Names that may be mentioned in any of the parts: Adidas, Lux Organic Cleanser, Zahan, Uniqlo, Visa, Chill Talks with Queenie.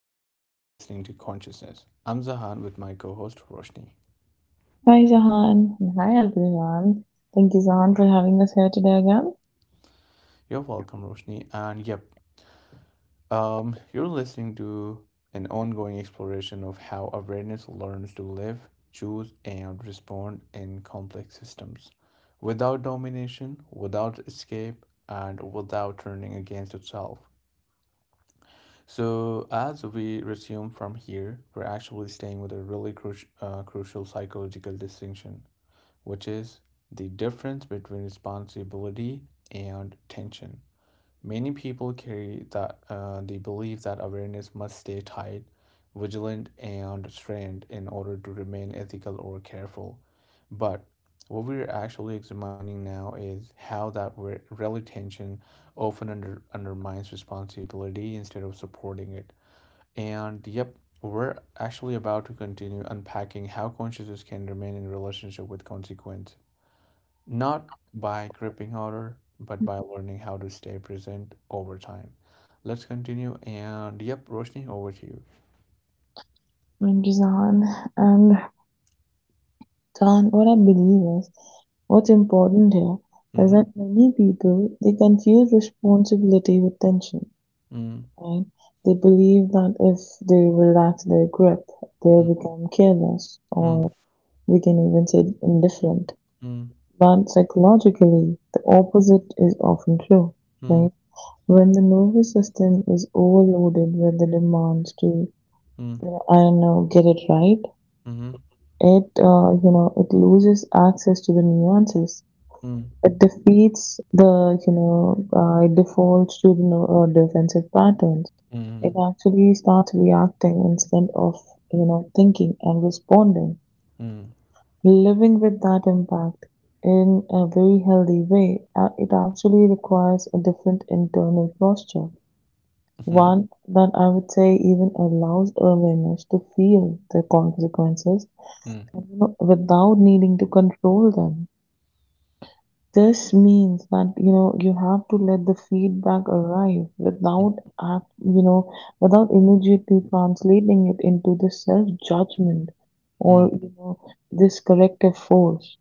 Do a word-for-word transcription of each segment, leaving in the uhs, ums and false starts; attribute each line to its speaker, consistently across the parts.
Speaker 1: and you're listening to Consciousness. I'm Zahan with my co-host Roshni.
Speaker 2: Hi, Zahan. And hi, everyone. Thank you, Zahan, for having us here today again.
Speaker 1: You're welcome, Roshni. And yep, um, you're listening to an ongoing exploration of how awareness learns to live, choose, and respond in complex systems, without domination, without escape, and without turning against itself. So, as we resume from here, we're actually staying with a really cru- uh, crucial psychological distinction which is the difference between responsibility and tension. Many people carry that, uh, the belief that awareness must stay tight, vigilant, and strained in order to remain ethical or careful. But what we're actually examining now is how that re- relative tension often under, undermines responsibility instead of supporting it. And yep, we're actually about to continue unpacking how consciousness can remain in relationship with consequence not by gripping harder, but by learning how to stay present over time. Let's continue. And yep, Roshni, over to you.
Speaker 2: Thank you, Zahan. And done what I believe is what's important here is
Speaker 1: Mm-hmm.
Speaker 2: that many people they confuse responsibility with tension,
Speaker 1: Mm,
Speaker 2: right? They believe that if they relax their grip, they'll
Speaker 1: mm,
Speaker 2: become careless
Speaker 1: mm,
Speaker 2: or we can even say indifferent.
Speaker 1: mm,
Speaker 2: But psychologically, the opposite is often true,
Speaker 1: mm,
Speaker 2: right? When the nervous system is overloaded with the demands to, you
Speaker 1: mm,
Speaker 2: know, I don't know, get it right,
Speaker 1: mm,
Speaker 2: it, uh, you know, it loses access to the nuances. It defeats the, you know, uh, it defaults to the no- uh, defensive patterns.
Speaker 1: mm, mm, mm,
Speaker 2: It actually starts reacting instead of, you know, thinking and responding. Living with that impact in a very healthy way, uh, it actually requires a different internal posture. One that I would say even allows awareness to feel the consequences,
Speaker 1: mm,
Speaker 2: you know, without needing to control them. This means that you know you have to let the feedback arrive without act you know without immediately translating it into this self-judgment
Speaker 1: mm, mm, mm, mm, mm,
Speaker 2: or you know this corrective force.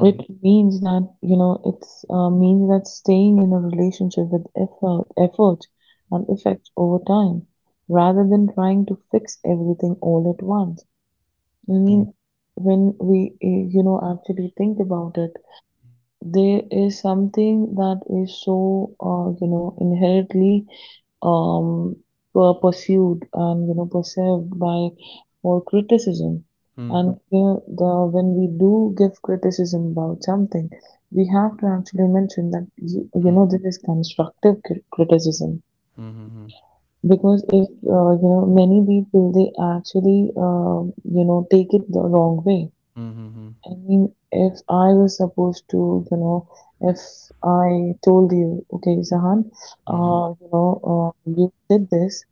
Speaker 2: It means that you know it's uh, means that staying in a relationship with effort, effort and effect over time, rather than trying to fix everything all at once. I mean, when we uh, you know actually think about it, there is something that is so uh, you know inherently um, per- pursued and you know perceived by for criticism. And you know, the, when we do give criticism about something, we have to actually mention that you, you know this is constructive cri- criticism,
Speaker 1: mm, Mhm.
Speaker 2: because if uh, you know many people, they actually uh, you know take it the wrong way.
Speaker 1: mhm,
Speaker 2: I mean, if I was supposed to, you know, if I told you, okay, Zahan, uh, you know, uh, you did this,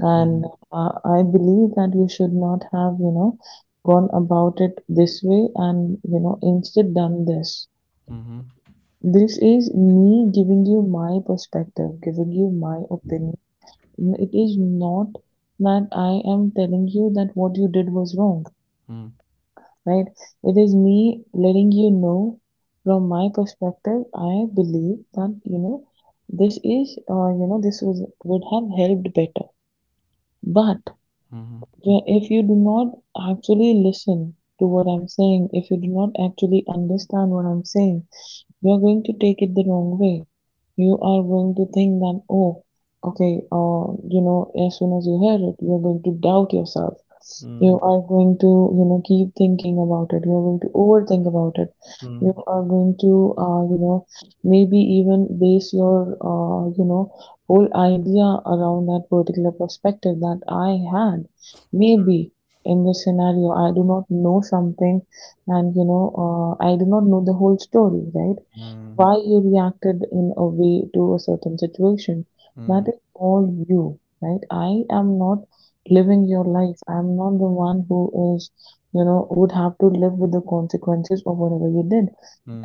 Speaker 2: and uh, I believe that you should not have, you know, gone about it this way and, you know, instead done this.
Speaker 1: mhm,
Speaker 2: This is me giving you my perspective, giving you my opinion. It is not that I am telling you that what you did was wrong. Right? It is me letting you know from my perspective, I believe that, you know, this is, uh, you know, this was, would have helped better. But
Speaker 1: mhm, mhm,
Speaker 2: where if you do not actually listen to what I'm saying, if you do not actually understand what I'm saying, you're going to take it the wrong way. You are going to think that, oh, okay, uh, you know, as soon as you hear it, you're going to doubt yourself. You
Speaker 1: mhm,
Speaker 2: are going to, you know, keep thinking about it. You're going to overthink about it. You
Speaker 1: mhm,
Speaker 2: are going to, uh, you know, maybe even base your, uh, you know, whole idea around that particular perspective that I had. Maybe in this scenario, I do not know something, and you know, uh, I do not know the whole story, right? Why you reacted in a way to a certain situation. That is all you, right? I am not living your life. I'm not the one who is, you know, would have to live with the consequences of whatever you did.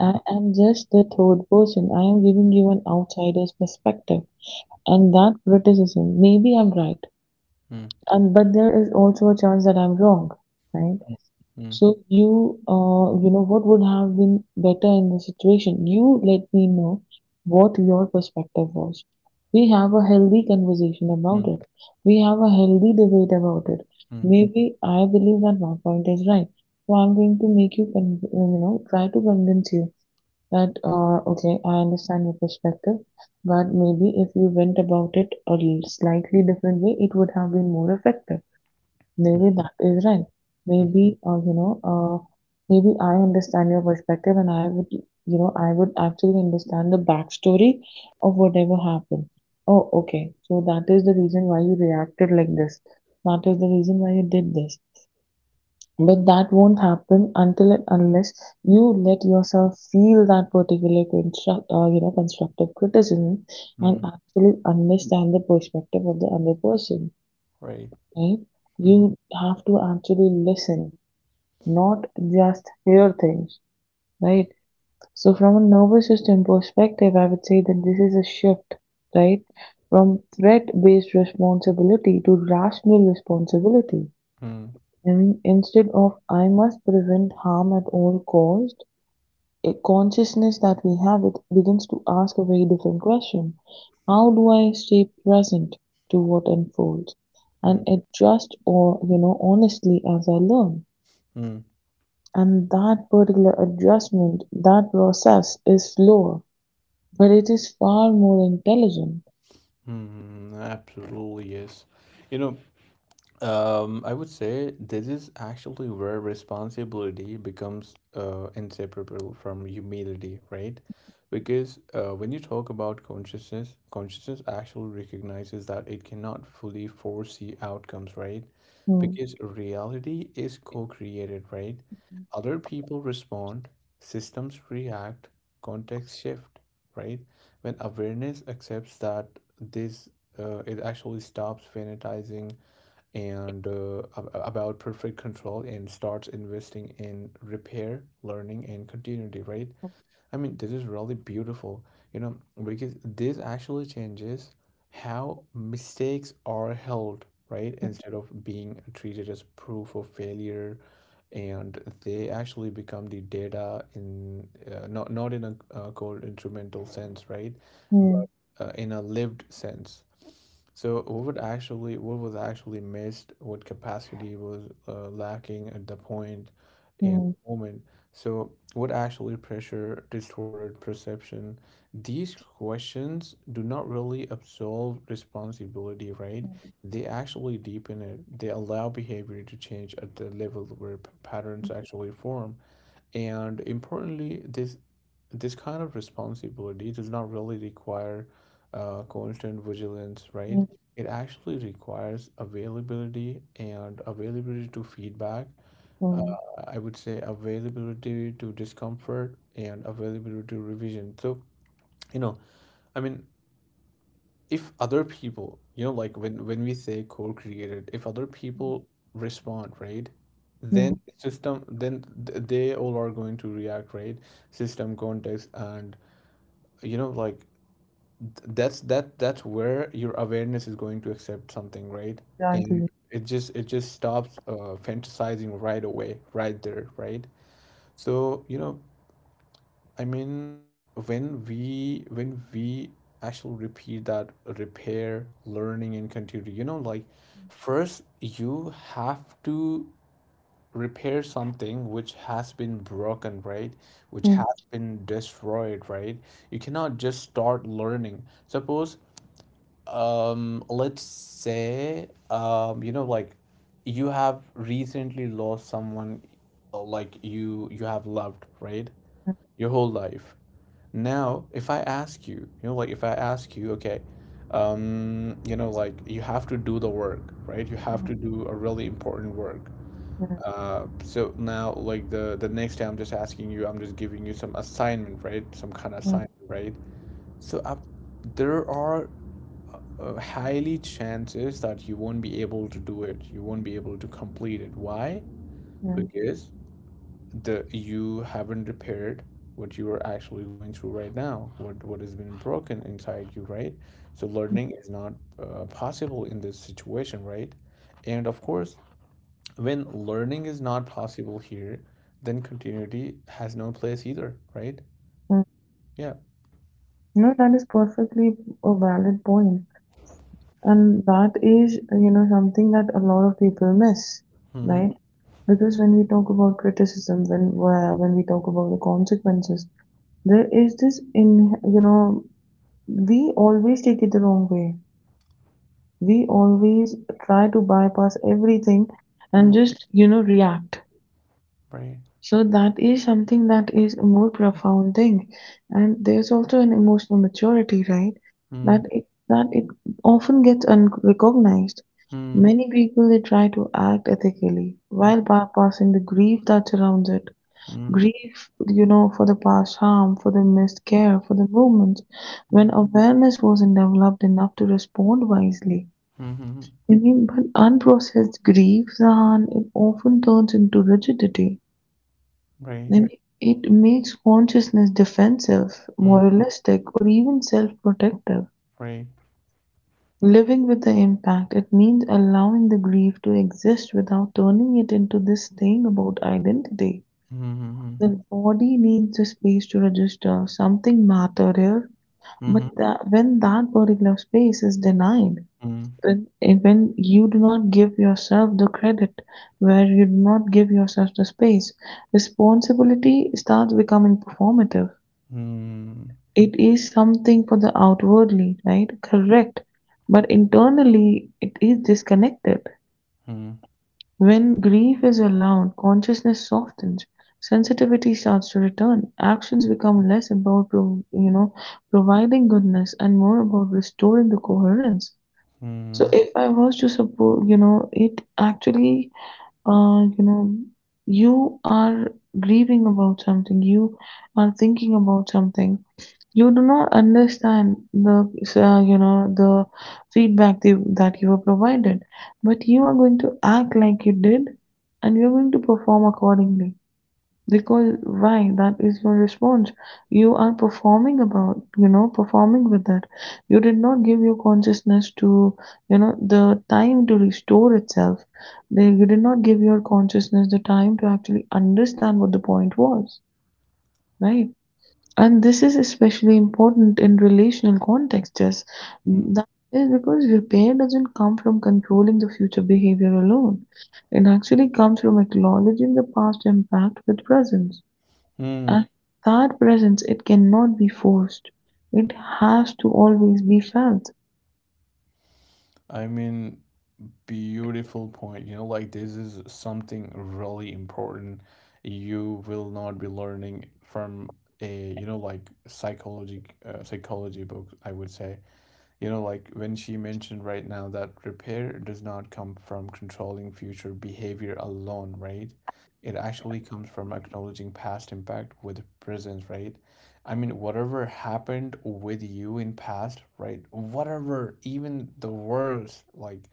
Speaker 2: I am just the third person. I am giving you an outsider's perspective. And that criticism, maybe I'm right.
Speaker 1: mhm, mhm, mhm,
Speaker 2: Um, but there is also a chance that I'm wrong, right?
Speaker 1: mhm, mhm,
Speaker 2: So you, uh, you know, what would have been better in the situation? You let me know what your perspective was. We have a healthy conversation
Speaker 1: mhm, mhm, mhm,
Speaker 2: about
Speaker 1: mhm,
Speaker 2: it. We have a healthy debate about it. Maybe I believe that my point is right. So I'm going to make you, con- you know, try to convince you that, uh, okay, I understand your perspective, but maybe if you went about it a slightly different way, it would have been more effective. Maybe that is right.
Speaker 1: mhm,
Speaker 2: Maybe uh, you know, uh, maybe I understand your perspective, and I would, you know, I would actually understand the backstory of whatever happened. Oh, okay. So that is the reason why you reacted like this. That is the reason why you did this. But that won't happen until and unless you let yourself feel that particular construct, uh, you know, constructive criticism, and
Speaker 1: mhm,
Speaker 2: actually understand the perspective of the other person,
Speaker 1: Right.
Speaker 2: right? You have to actually listen, not just hear things, right? So, from a nervous system perspective, I would say that this is a shift, right? From threat based responsibility to rational responsibility.
Speaker 1: Mm,
Speaker 2: I mean, instead of I must prevent harm at all cost, a consciousness that we have, it begins to ask a very different question. How do I stay present to what unfolds and
Speaker 1: mm,
Speaker 2: adjust or, you know, honestly as I learn?
Speaker 1: mm,
Speaker 2: And that particular adjustment, that process is slower, but it is far more intelligent.
Speaker 1: mm, Absolutely, yes. You know, Um, I would say this is actually where responsibility becomes uh, inseparable from humility, right? Because uh, when you talk about consciousness, consciousness actually recognizes that it cannot fully foresee outcomes, right?
Speaker 2: 음.
Speaker 1: Because reality is co-created, right?
Speaker 2: 음.
Speaker 1: Other people respond, systems react, context shift, right? When awareness accepts that this, uh, it actually stops fanatizing and uh, about perfect control and starts investing in repair, learning, and continuity, right? I mean, this is really beautiful, you know, because this actually changes how mistakes are held, right? Instead of being treated as proof of failure, and they actually become the data in uh, not not in a uh, cold instrumental sense, right? But uh, in a lived sense. So what would actually what was actually missed, what capacity was uh, lacking at the point and
Speaker 2: 음.
Speaker 1: moment, so, what actually pressure distorted perception? These questions do not really absolve responsibility, right? They actually deepen it. They allow behavior to change at the level where p- patterns actually form. And importantly, this this kind of responsibility does not really require uh, constant vigilance, right?
Speaker 2: 음.
Speaker 1: It actually requires availability and availability to feedback uh,
Speaker 2: 음.
Speaker 1: I would say availability to discomfort and availability to revision. So, you know, I mean, if other people, you know, like when when we say co-created, if other people respond, right,
Speaker 2: 음.
Speaker 1: then system, then th- they all are going to react, right? System context and you know, like th- that's that that's where your awareness is going to accept something, right? And
Speaker 2: Exactly.
Speaker 1: it just it just stops uh, fantasizing right away, right there, right? So, you know, I mean, when we when we actually repeat that repair, learning, and continue, you know, like first you have to repair something which has been broken, right? Which
Speaker 2: Mm,
Speaker 1: has been destroyed, right? You cannot just start learning. Suppose, um, let's say, um, you know, like you have recently lost someone, uh, like you you have loved, right?
Speaker 2: mm,
Speaker 1: your whole life. Now, if I ask you, you know, like if I ask you, okay, um, you know, like you have to do the work, right? You have
Speaker 2: mm,
Speaker 1: to do a really important work. Uh, so now, like the the next time, I'm just asking you, I'm just giving you some assignment, right? Some kind of
Speaker 2: mm,
Speaker 1: assignment, right? So up, there are uh, highly chances that you won't be able to do it. You won't be able to complete it. Why?
Speaker 2: mm,
Speaker 1: Because the you haven't repaired what you are actually going through right now, what what has been broken inside you, right? So
Speaker 2: mm,
Speaker 1: learning is not uh, possible in this situation, right? And of course, when learning is not possible here, then continuity has no place either, right?
Speaker 2: mm.
Speaker 1: Yeah.
Speaker 2: No, that is perfectly a valid point. And that is, you know, something that a lot of people miss,
Speaker 1: Mm-hmm.
Speaker 2: right? Because when we talk about criticism, when where- when we talk about the consequences, there is this in, you know, we always take it the wrong way. We always try to bypass everything and
Speaker 1: Mm,
Speaker 2: just, you know, react.
Speaker 1: right.
Speaker 2: So that is something that is a more profound thing. And there's also an emotional maturity, right?
Speaker 1: Mm,
Speaker 2: That it that it often gets unrecognized.
Speaker 1: mm,
Speaker 2: Many people, they try to act ethically
Speaker 1: mm,
Speaker 2: while bypassing the grief that surrounds it.
Speaker 1: mm,
Speaker 2: Grief, you know, for the past harm, for the missed care, for the moments
Speaker 1: mm,
Speaker 2: when awareness wasn't developed enough to respond wisely.
Speaker 1: mm,
Speaker 2: I mean, but unprocessed grief, Zahan, it often turns into rigidity.
Speaker 1: right.
Speaker 2: I mean, it makes consciousness defensive,
Speaker 1: Mm,
Speaker 2: moralistic, or even self protective.
Speaker 1: right.
Speaker 2: Living with the impact, it means allowing the grief to exist without turning it into this thing about identity.
Speaker 1: Mm,
Speaker 2: The
Speaker 1: mm,
Speaker 2: body needs a space to register something matter here, but
Speaker 1: mm,
Speaker 2: that, when that particular space is denied,
Speaker 1: mm, mm,
Speaker 2: when, eh, when you do not give yourself the credit, where you do not give yourself the space, responsibility starts becoming performative.
Speaker 1: mm,
Speaker 2: It is something for the outwardly, right? Correct. But internally, it is disconnected.
Speaker 1: mm,
Speaker 2: When grief is allowed, consciousness softens, sensitivity starts to return, actions become less about, pro- you know, providing goodness and more about restoring the coherence. So
Speaker 1: mm,
Speaker 2: if I was to support, you know, it actually, uh, you know, you are grieving about something, you are thinking about something, you do not understand the uh, you know the feedback the, that you were provided, but you are going to act like you did, and you're going to perform accordingly, because why? That is your response. You are performing about, you know performing with that. You did not give your consciousness to you know the time to restore itself. They You did not give your consciousness the time to actually understand what the point was, right? And this is especially important in relational contexts.
Speaker 1: mm,
Speaker 2: That is because repair doesn't come from controlling the future behavior alone. It actually comes from acknowledging the past impact with presence.
Speaker 1: Hmm.
Speaker 2: And that presence, it cannot be forced. It has to always be felt.
Speaker 1: I mean, beautiful point. You know, like this is something really important. You will not be learning from a, you know, like psychology, uh, psychology book, I would say. You know, like when she mentioned right now that repair does not come from controlling future behavior alone, right? It actually comes from acknowledging past impact with presence, right? I mean, whatever happened with you in past, right? Whatever, even the worst, like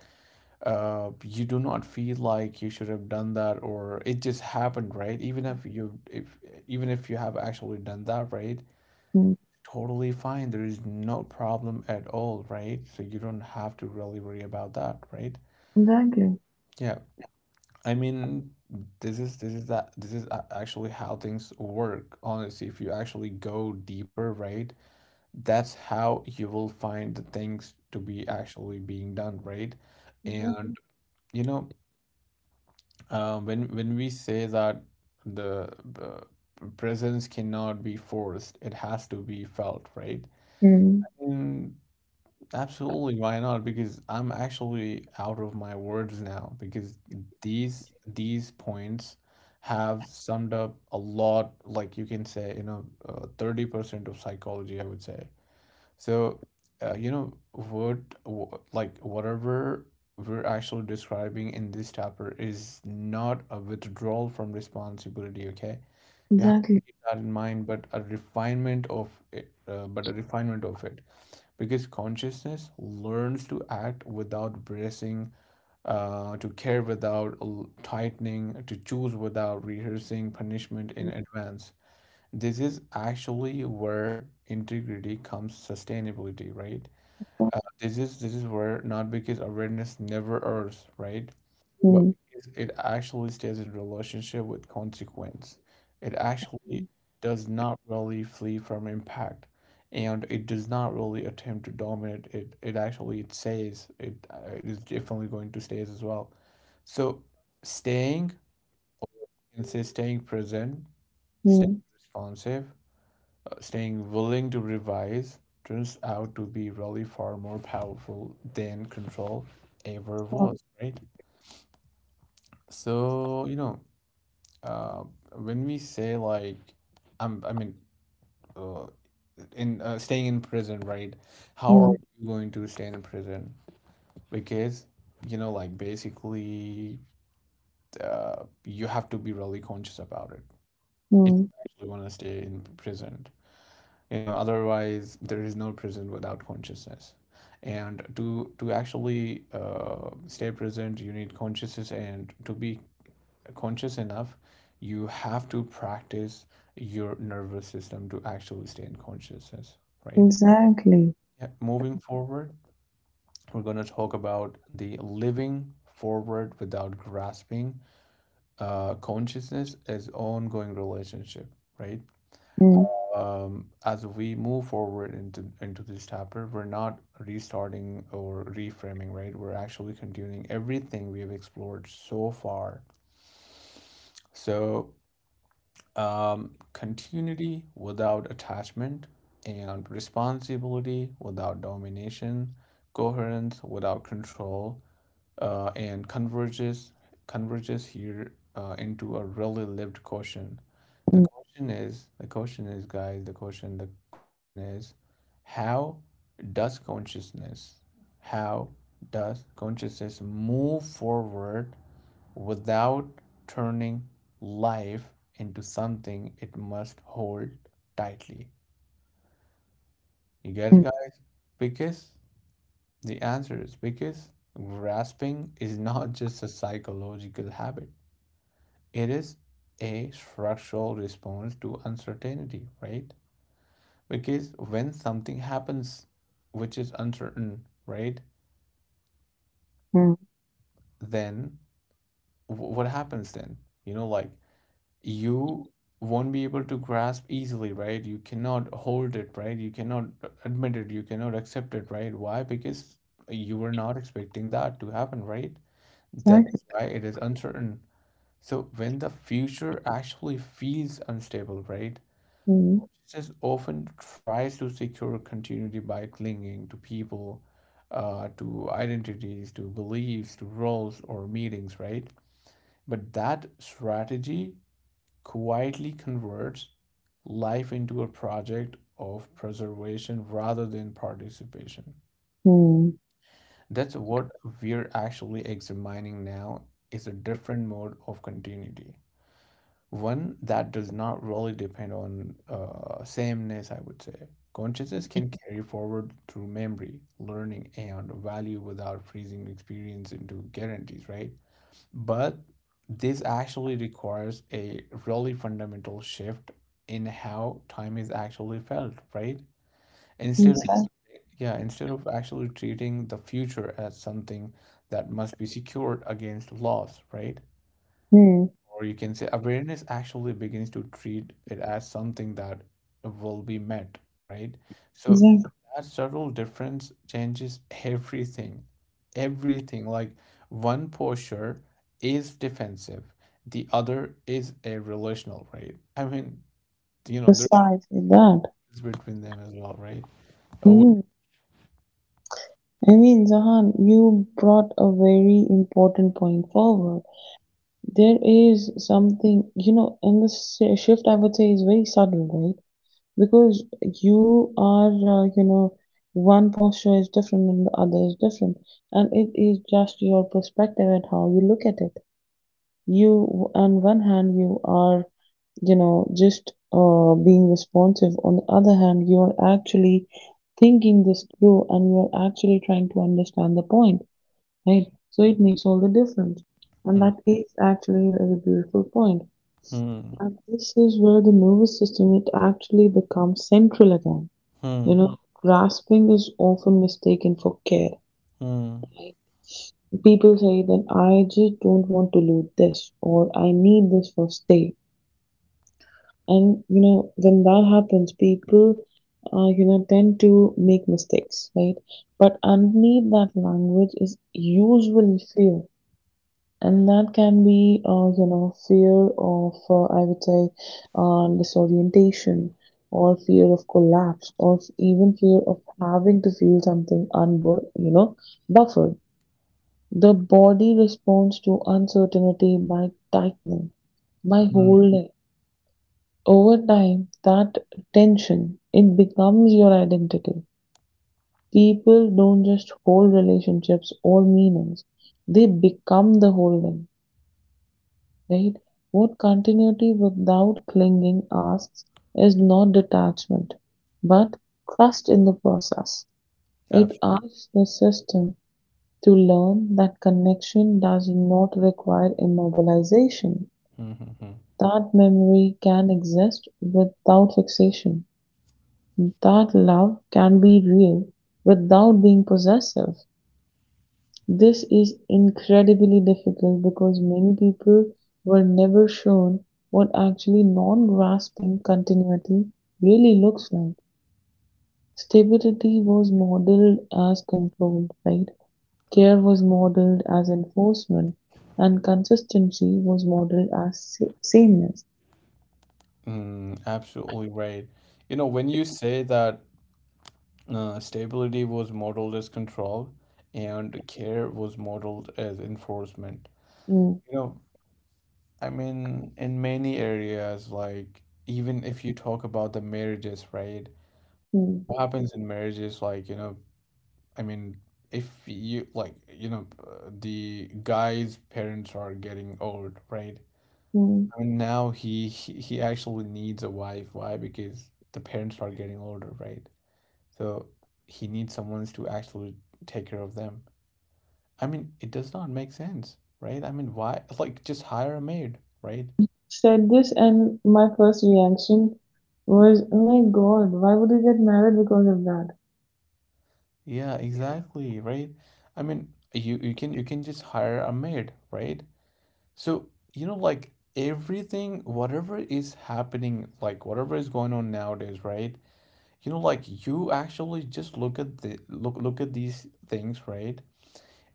Speaker 1: uh, you do not feel like you should have done that, or it just happened, right? Even if you, if even if you have actually done that, right?
Speaker 2: Hmm.
Speaker 1: totally fine. There is no problem at all, right? So you don't have to really worry about that, right?
Speaker 2: Exactly.
Speaker 1: Yeah. I mean, this is this is that this is a- actually how things work. Honestly, if you actually go deeper, right? That's how you will find the things to be actually being done, right? And you know, uh, when when we say that the uh, presence cannot be forced, it has to be felt, right?
Speaker 2: Hmm.
Speaker 1: Mm, Absolutely, why not? Because I'm actually out of my words now because these these points have summed up a lot, like you can say, you know, uh, thirty percent of psychology, I would say. So, uh, you know, what wh- like whatever we're actually describing in this chapter is not a withdrawal from responsibility, okay? you have to
Speaker 2: Exactly.
Speaker 1: keep that in mind but a refinement of it uh, but a refinement of it because consciousness learns to act without bracing, uh, to care without l- tightening, to choose without rehearsing punishment in advance. This is actually where integrity comes sustainability, right? uh, this is this is where not because awareness never errs, right? But
Speaker 2: Hmm.
Speaker 1: because it actually stays in relationship with consequence. It actually does not really flee from impact, and it does not really attempt to dominate it. It actually it stays. It uh, it is definitely going to stays as well. So staying and say staying present, staying
Speaker 2: Hmm.
Speaker 1: responsive, staying willing to revise turns out to be really far more powerful than control ever was, right? So, you know, uh, when we say like, I'm, I mean, uh, in uh, staying in prison, right? How are
Speaker 2: Hmm.
Speaker 1: you going to stay in prison? Because, you know, like basically, uh, you have to be really conscious about it if
Speaker 2: Hmm.
Speaker 1: you actually want to stay in prison. You know otherwise there is no present without consciousness and to to actually uh, stay present you need consciousness and to be conscious enough you have to practice your nervous system to actually stay in consciousness, right?
Speaker 2: Exactly.
Speaker 1: Yeah, moving forward we're going to talk about the living forward without grasping, uh, consciousness as ongoing relationship, right?
Speaker 2: Hmm.
Speaker 1: um, as we move forward into into this chapter, we're not restarting or reframing, right? We're actually continuing everything we have explored so far. So, um, continuity without attachment, and responsibility without domination, coherence without control, uh, and converges converges here uh, into a really lived question. The
Speaker 2: Hmm.
Speaker 1: question is the question is guys the question The question is how does consciousness how does consciousness move forward without turning life into something it must hold tightly? You get it,
Speaker 2: Hmm.
Speaker 1: guys? Because the answer is because grasping is not just a psychological habit, it is a structural response to uncertainty, right? Because when something happens which is uncertain, right?
Speaker 2: Hmm.
Speaker 1: Then wh- what happens then? You know, like you won't be able to grasp easily, right? You cannot hold it, right? You cannot admit it, you cannot accept it, right? Why? Because you were not expecting that to happen, right? That
Speaker 2: Exactly.
Speaker 1: is why it is uncertain. So when the future actually feels unstable, right?
Speaker 2: Hmm.
Speaker 1: Just often tries to secure continuity by clinging to people, uh, to identities, to beliefs, to roles or meetings, right? But that strategy quietly converts life into a project of preservation rather than participation.
Speaker 2: Hmm.
Speaker 1: That's what we're actually examining now is a different mode of continuity. One that does not really depend on uh, sameness, I would say. Consciousness can carry forward through memory, learning, and value without freezing experience into guarantees, right? But this actually requires a really fundamental shift in how time is actually felt, right? Instead of
Speaker 2: Exactly.
Speaker 1: yeah, instead of actually treating the future as something that must be secured against loss, right?
Speaker 2: Hmm.
Speaker 1: or you can say awareness actually begins to treat it as something that will be met, right? So
Speaker 2: Exactly,
Speaker 1: that subtle difference changes everything, everything. Like one posture is defensive, the other is a relational, right? I mean, you know, there's
Speaker 2: precisely that.
Speaker 1: a difference between them as well, right? Oh,
Speaker 2: Mm. I mean, Zahan, you brought a very important point forward. There is something, you know, and this shi- shift I would say is very subtle, right? Because you are, uh, you know, one posture is different and the other is different, and it is just your perspective and how you look at it. You On one hand, you are you know just uh, being responsive; on the other hand, you are actually thinking this through, and you are actually trying to understand the point, right? So it makes all the difference, and
Speaker 1: hmm,
Speaker 2: that is actually a very beautiful point point.
Speaker 1: hmm,
Speaker 2: And this is where the nervous system, it actually becomes central again. You
Speaker 1: hmm,
Speaker 2: know grasping is often mistaken for care.
Speaker 1: hmm,
Speaker 2: People say that I just don't want to lose this, or I need this for stay. And you know when that happens, people uh, you know tend to make mistakes, right? But underneath that language is usually fear, and that can be uh, you know fear of, uh, I would say, uh, disorientation, or fear of collapse, or f- even fear of having to feel something unbu- you know buffered. The body responds to uncertainty by tightening, by
Speaker 1: hmm.
Speaker 2: holding. Over time, that tension, it becomes your identity. People don't just hold relationships or meanings, they become the holding, right? What continuity without clinging asks is not detachment, but trust in the process. It
Speaker 1: Abs-
Speaker 2: asks the system to learn that connection does not require immobilization,
Speaker 1: hmm, hmm, hmm.
Speaker 2: that memory can exist without fixation. That love can be real without being possessive. This is incredibly difficult because many people were never shown what actually non grasping continuity really looks like. Stability was modeled as control, right? Care was modeled as enforcement, and consistency was modeled as sa- sameness.
Speaker 1: Mm, absolutely right. You know, when you say that. Uh, stability was modeled as control, and care was modeled as enforcement.
Speaker 2: Mm,
Speaker 1: You know, I mean, in many areas, like even if you talk about the marriages, right? So what
Speaker 2: mm,
Speaker 1: happens in marriages, like, you know, I mean, if you like, you know, uh, the guy's parents are getting old, right?
Speaker 2: mm.
Speaker 1: I mean, now he he, he actually needs a wife. Why? Because the parents are getting older, right? So he needs someone to actually take care of them. I mean, it does not make sense, right? I mean, why? Like, just hire a maid, right?
Speaker 2: Said this and my first reaction was, "Oh my God, why would you get married because of that?"
Speaker 1: Yeah, exactly, right? I mean, you you can you can just hire a maid, right? So, you know, like everything, whatever is happening, like whatever is going on nowadays, right? You know, like you actually just look at the look look at these things, right?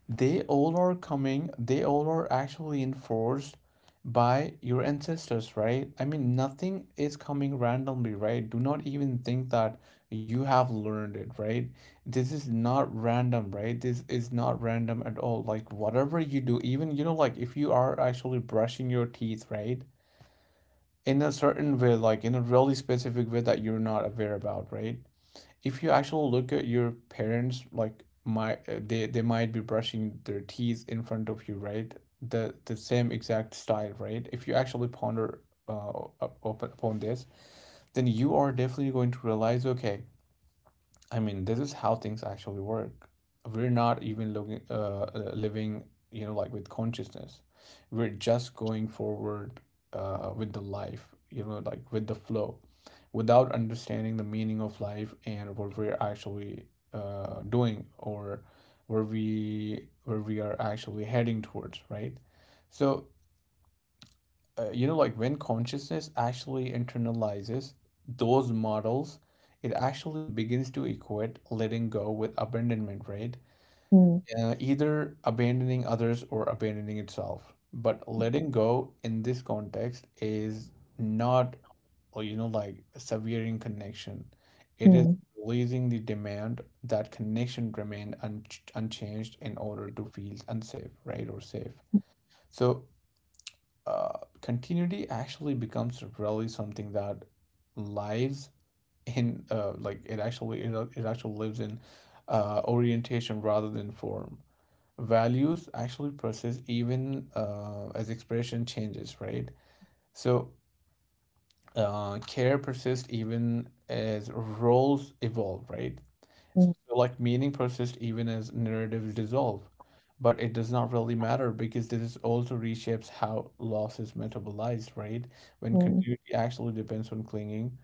Speaker 1: They all are coming, they all are actually enforced by your ancestors, right? I mean, nothing is coming randomly, right? Do not even think that you have learned it, right? This is not random, right? This is not random at all. Like, whatever you do, even, you know, like if you are actually brushing your teeth, right? In a certain way, like in a really specific way that you're not aware about, right? If you actually look at your parents, like my uh, they they might be brushing their teeth in front of you, right? The the same exact style, right? If you actually ponder uh, up- up- upon this, then you are definitely going to realize, okay, I mean, this is how things actually work. We're not even looking, uh, uh, living, you know, like with consciousness. We're just going forward uh, with the life, you know, like with the flow, without understanding the meaning of life and what we're actually uh, doing or where we where we are actually heading towards, right? So uh, you know, like when consciousness actually internalizes those models, it actually begins to equate letting go with abandonment, right?
Speaker 2: Hmm,
Speaker 1: Uh, either abandoning others or abandoning itself. But letting go in this context is not, uh, you know, like severing connection. It is
Speaker 2: hmm,
Speaker 1: releasing the demand that connection remain un unchanged in order to feel unsafe, right, or safe. So uh, continuity actually becomes really something that lives in uh, like it actually it, it actually lives in uh, orientation rather than form. Values actually persist even uh, as expression changes, right? So uh, care persists even as roles evolve, right?
Speaker 2: hmm,
Speaker 1: So like meaning persists even as narratives dissolve, but it does not really matter because this also reshapes how loss is metabolized, right? When
Speaker 2: hmm,
Speaker 1: continuity actually depends on clinging,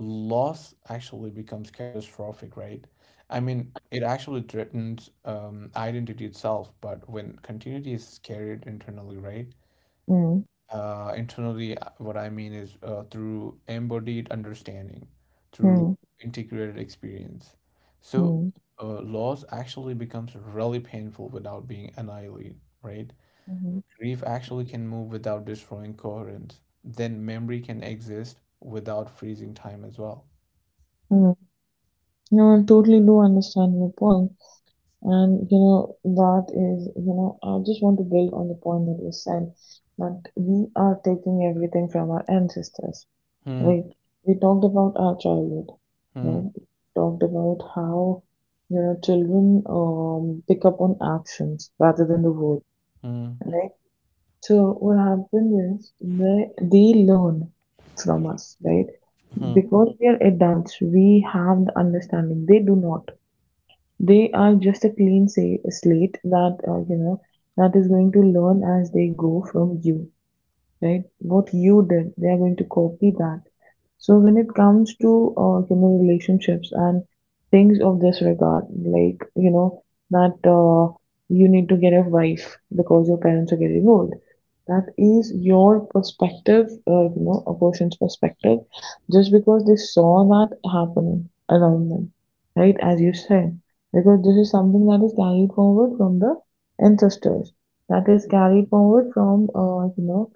Speaker 1: loss actually becomes catastrophic, right? I mean, it actually threatens um, identity itself, but when continuity is carried internally, right?
Speaker 2: hmm,
Speaker 1: Uh, internally, uh, what I mean is uh, through embodied understanding, through
Speaker 2: hmm,
Speaker 1: integrated experience. So,
Speaker 2: hmm,
Speaker 1: uh, loss actually becomes really painful without being annihilated, right?
Speaker 2: hmm,
Speaker 1: Grief actually can move without destroying coherence. Then memory can exist without freezing time as well.
Speaker 2: hmm. No, I totally do understand your point, and you know that is, you know, I just want to build on the point that you said that we are taking everything from our ancestors.
Speaker 1: Hmm,
Speaker 2: Right. We talked about our childhood. You
Speaker 1: hmm,
Speaker 2: know, we talked about how, you know, children um, pick up on actions rather than the words.
Speaker 1: hmm,
Speaker 2: Right. So what happens is they they learn from us, right?
Speaker 1: hmm,
Speaker 2: Because we are adults, we have the understanding. They do not. They are just a clean say, slate that uh, you know that is going to learn as they go from you, right? What you did, they are going to copy that. So when it comes to uh, human relationships and things of this regard, like you know that uh, you need to get a wife because your parents are getting old. That is your perspective, uh, you know, a person's perspective, just because they saw that happen around them, right? As you said, because this is something that is carried forward from the ancestors, that is carried forward from, uh, you know,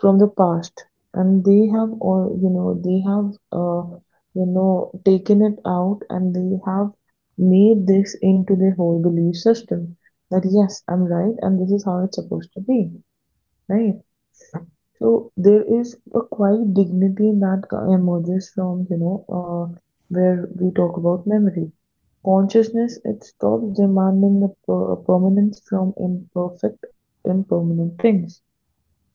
Speaker 2: from the past, and they have all you know they have uh, you know taken it out, and they have made this into their whole belief system that yes, I'm right, and this is how it's supposed to be, right? So there is a quiet dignity that co- emerges from, you know uh, where we talk about memory, consciousness. It stops demanding the per- permanence from imperfect impermanent things,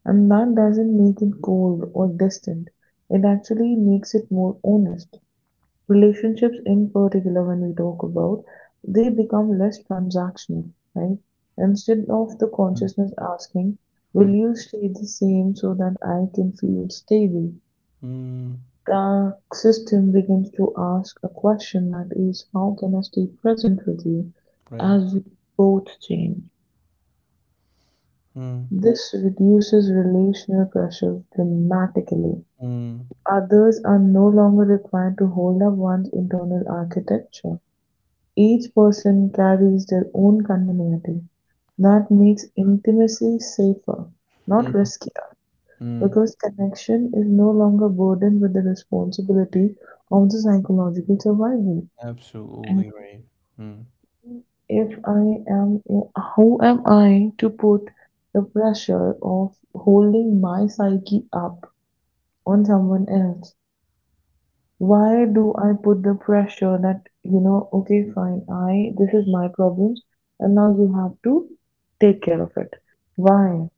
Speaker 2: and that doesn't make it cold or distant. It actually makes it more honest. Relationships, in particular, when we talk about, they become less transactional, right? Instead of the
Speaker 1: hmm,
Speaker 2: consciousness asking, "Will
Speaker 1: hmm,
Speaker 2: you stay the same so that I can feel stable?"
Speaker 1: hmm,
Speaker 2: The system begins to ask a question that is, how can I stay present with you
Speaker 1: right.
Speaker 2: as we both change?
Speaker 1: Hmm,
Speaker 2: This reduces relational pressure dramatically.
Speaker 1: hmm,
Speaker 2: Others are no longer required to hold up one's internal architecture. Each person carries their own continuity. That makes intimacy safer, not
Speaker 1: hmm,
Speaker 2: riskier,
Speaker 1: hmm.
Speaker 2: because connection is no longer burdened with the responsibility of the psychological survival. And
Speaker 1: Absolutely right. Hmm,
Speaker 2: if I am, how am I to put the pressure of holding my psyche up on someone else? Why do I put the pressure that, you know, okay, fine, I, this is my problems, and now you have to take care of it. Why?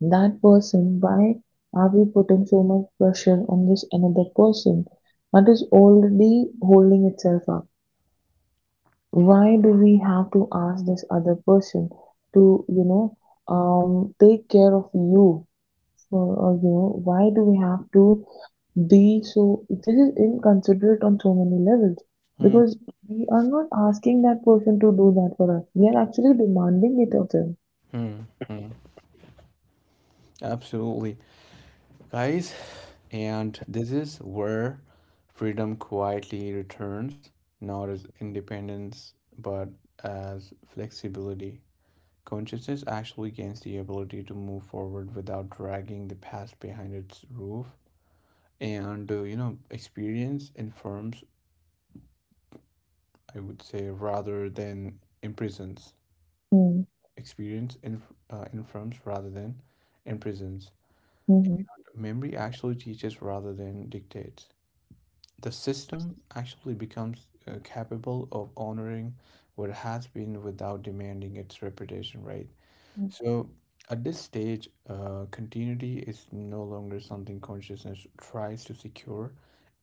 Speaker 2: That person, why are we putting so much pressure on this another person that is already holding itself up? Why do we have to ask this other person to, you know, um, take care of you, for or you know why do we have to be so. This is inconsiderate on so many levels,
Speaker 1: hmm,
Speaker 2: because we are not asking that person to do that for us, we are actually demanding it of them.
Speaker 1: hmm, hmm. Absolutely, guys. And this is where freedom quietly returns, not as independence, but as flexibility. Consciousness actually gains the ability to move forward without dragging the past behind its roof. And, uh, you know, experience informs, I would say, rather than imprisons.
Speaker 2: Hmm.
Speaker 1: Experience inf- uh, informs rather than imprisons.
Speaker 2: Mm-hmm.
Speaker 1: Memory actually teaches rather than dictates. The system actually becomes uh, capable of honoring what has been without demanding its reputation, right? So at this stage, uh, continuity is no longer something consciousness tries to secure.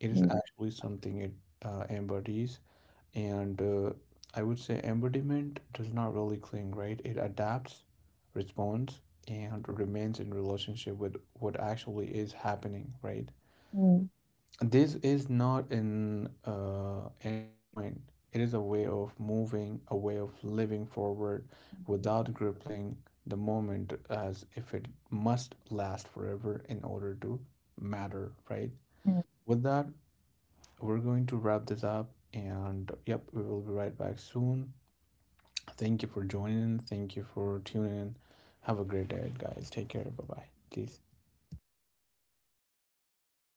Speaker 1: It is actually something it uh, embodies. And uh, I would say embodiment does not really cling, right? It adapts, responds, and remains in relationship with what actually is happening, right?
Speaker 2: Mm-hmm.
Speaker 1: This is not an uh, end point. It is a way of moving, a way of living forward without grappling the moment as if it must last forever in order to matter, right? With that, we're going to wrap this up. And yep, we will be right back soon. Thank you for joining. Thank you for tuning in. Have a great day, guys. Take care. Bye bye. Please.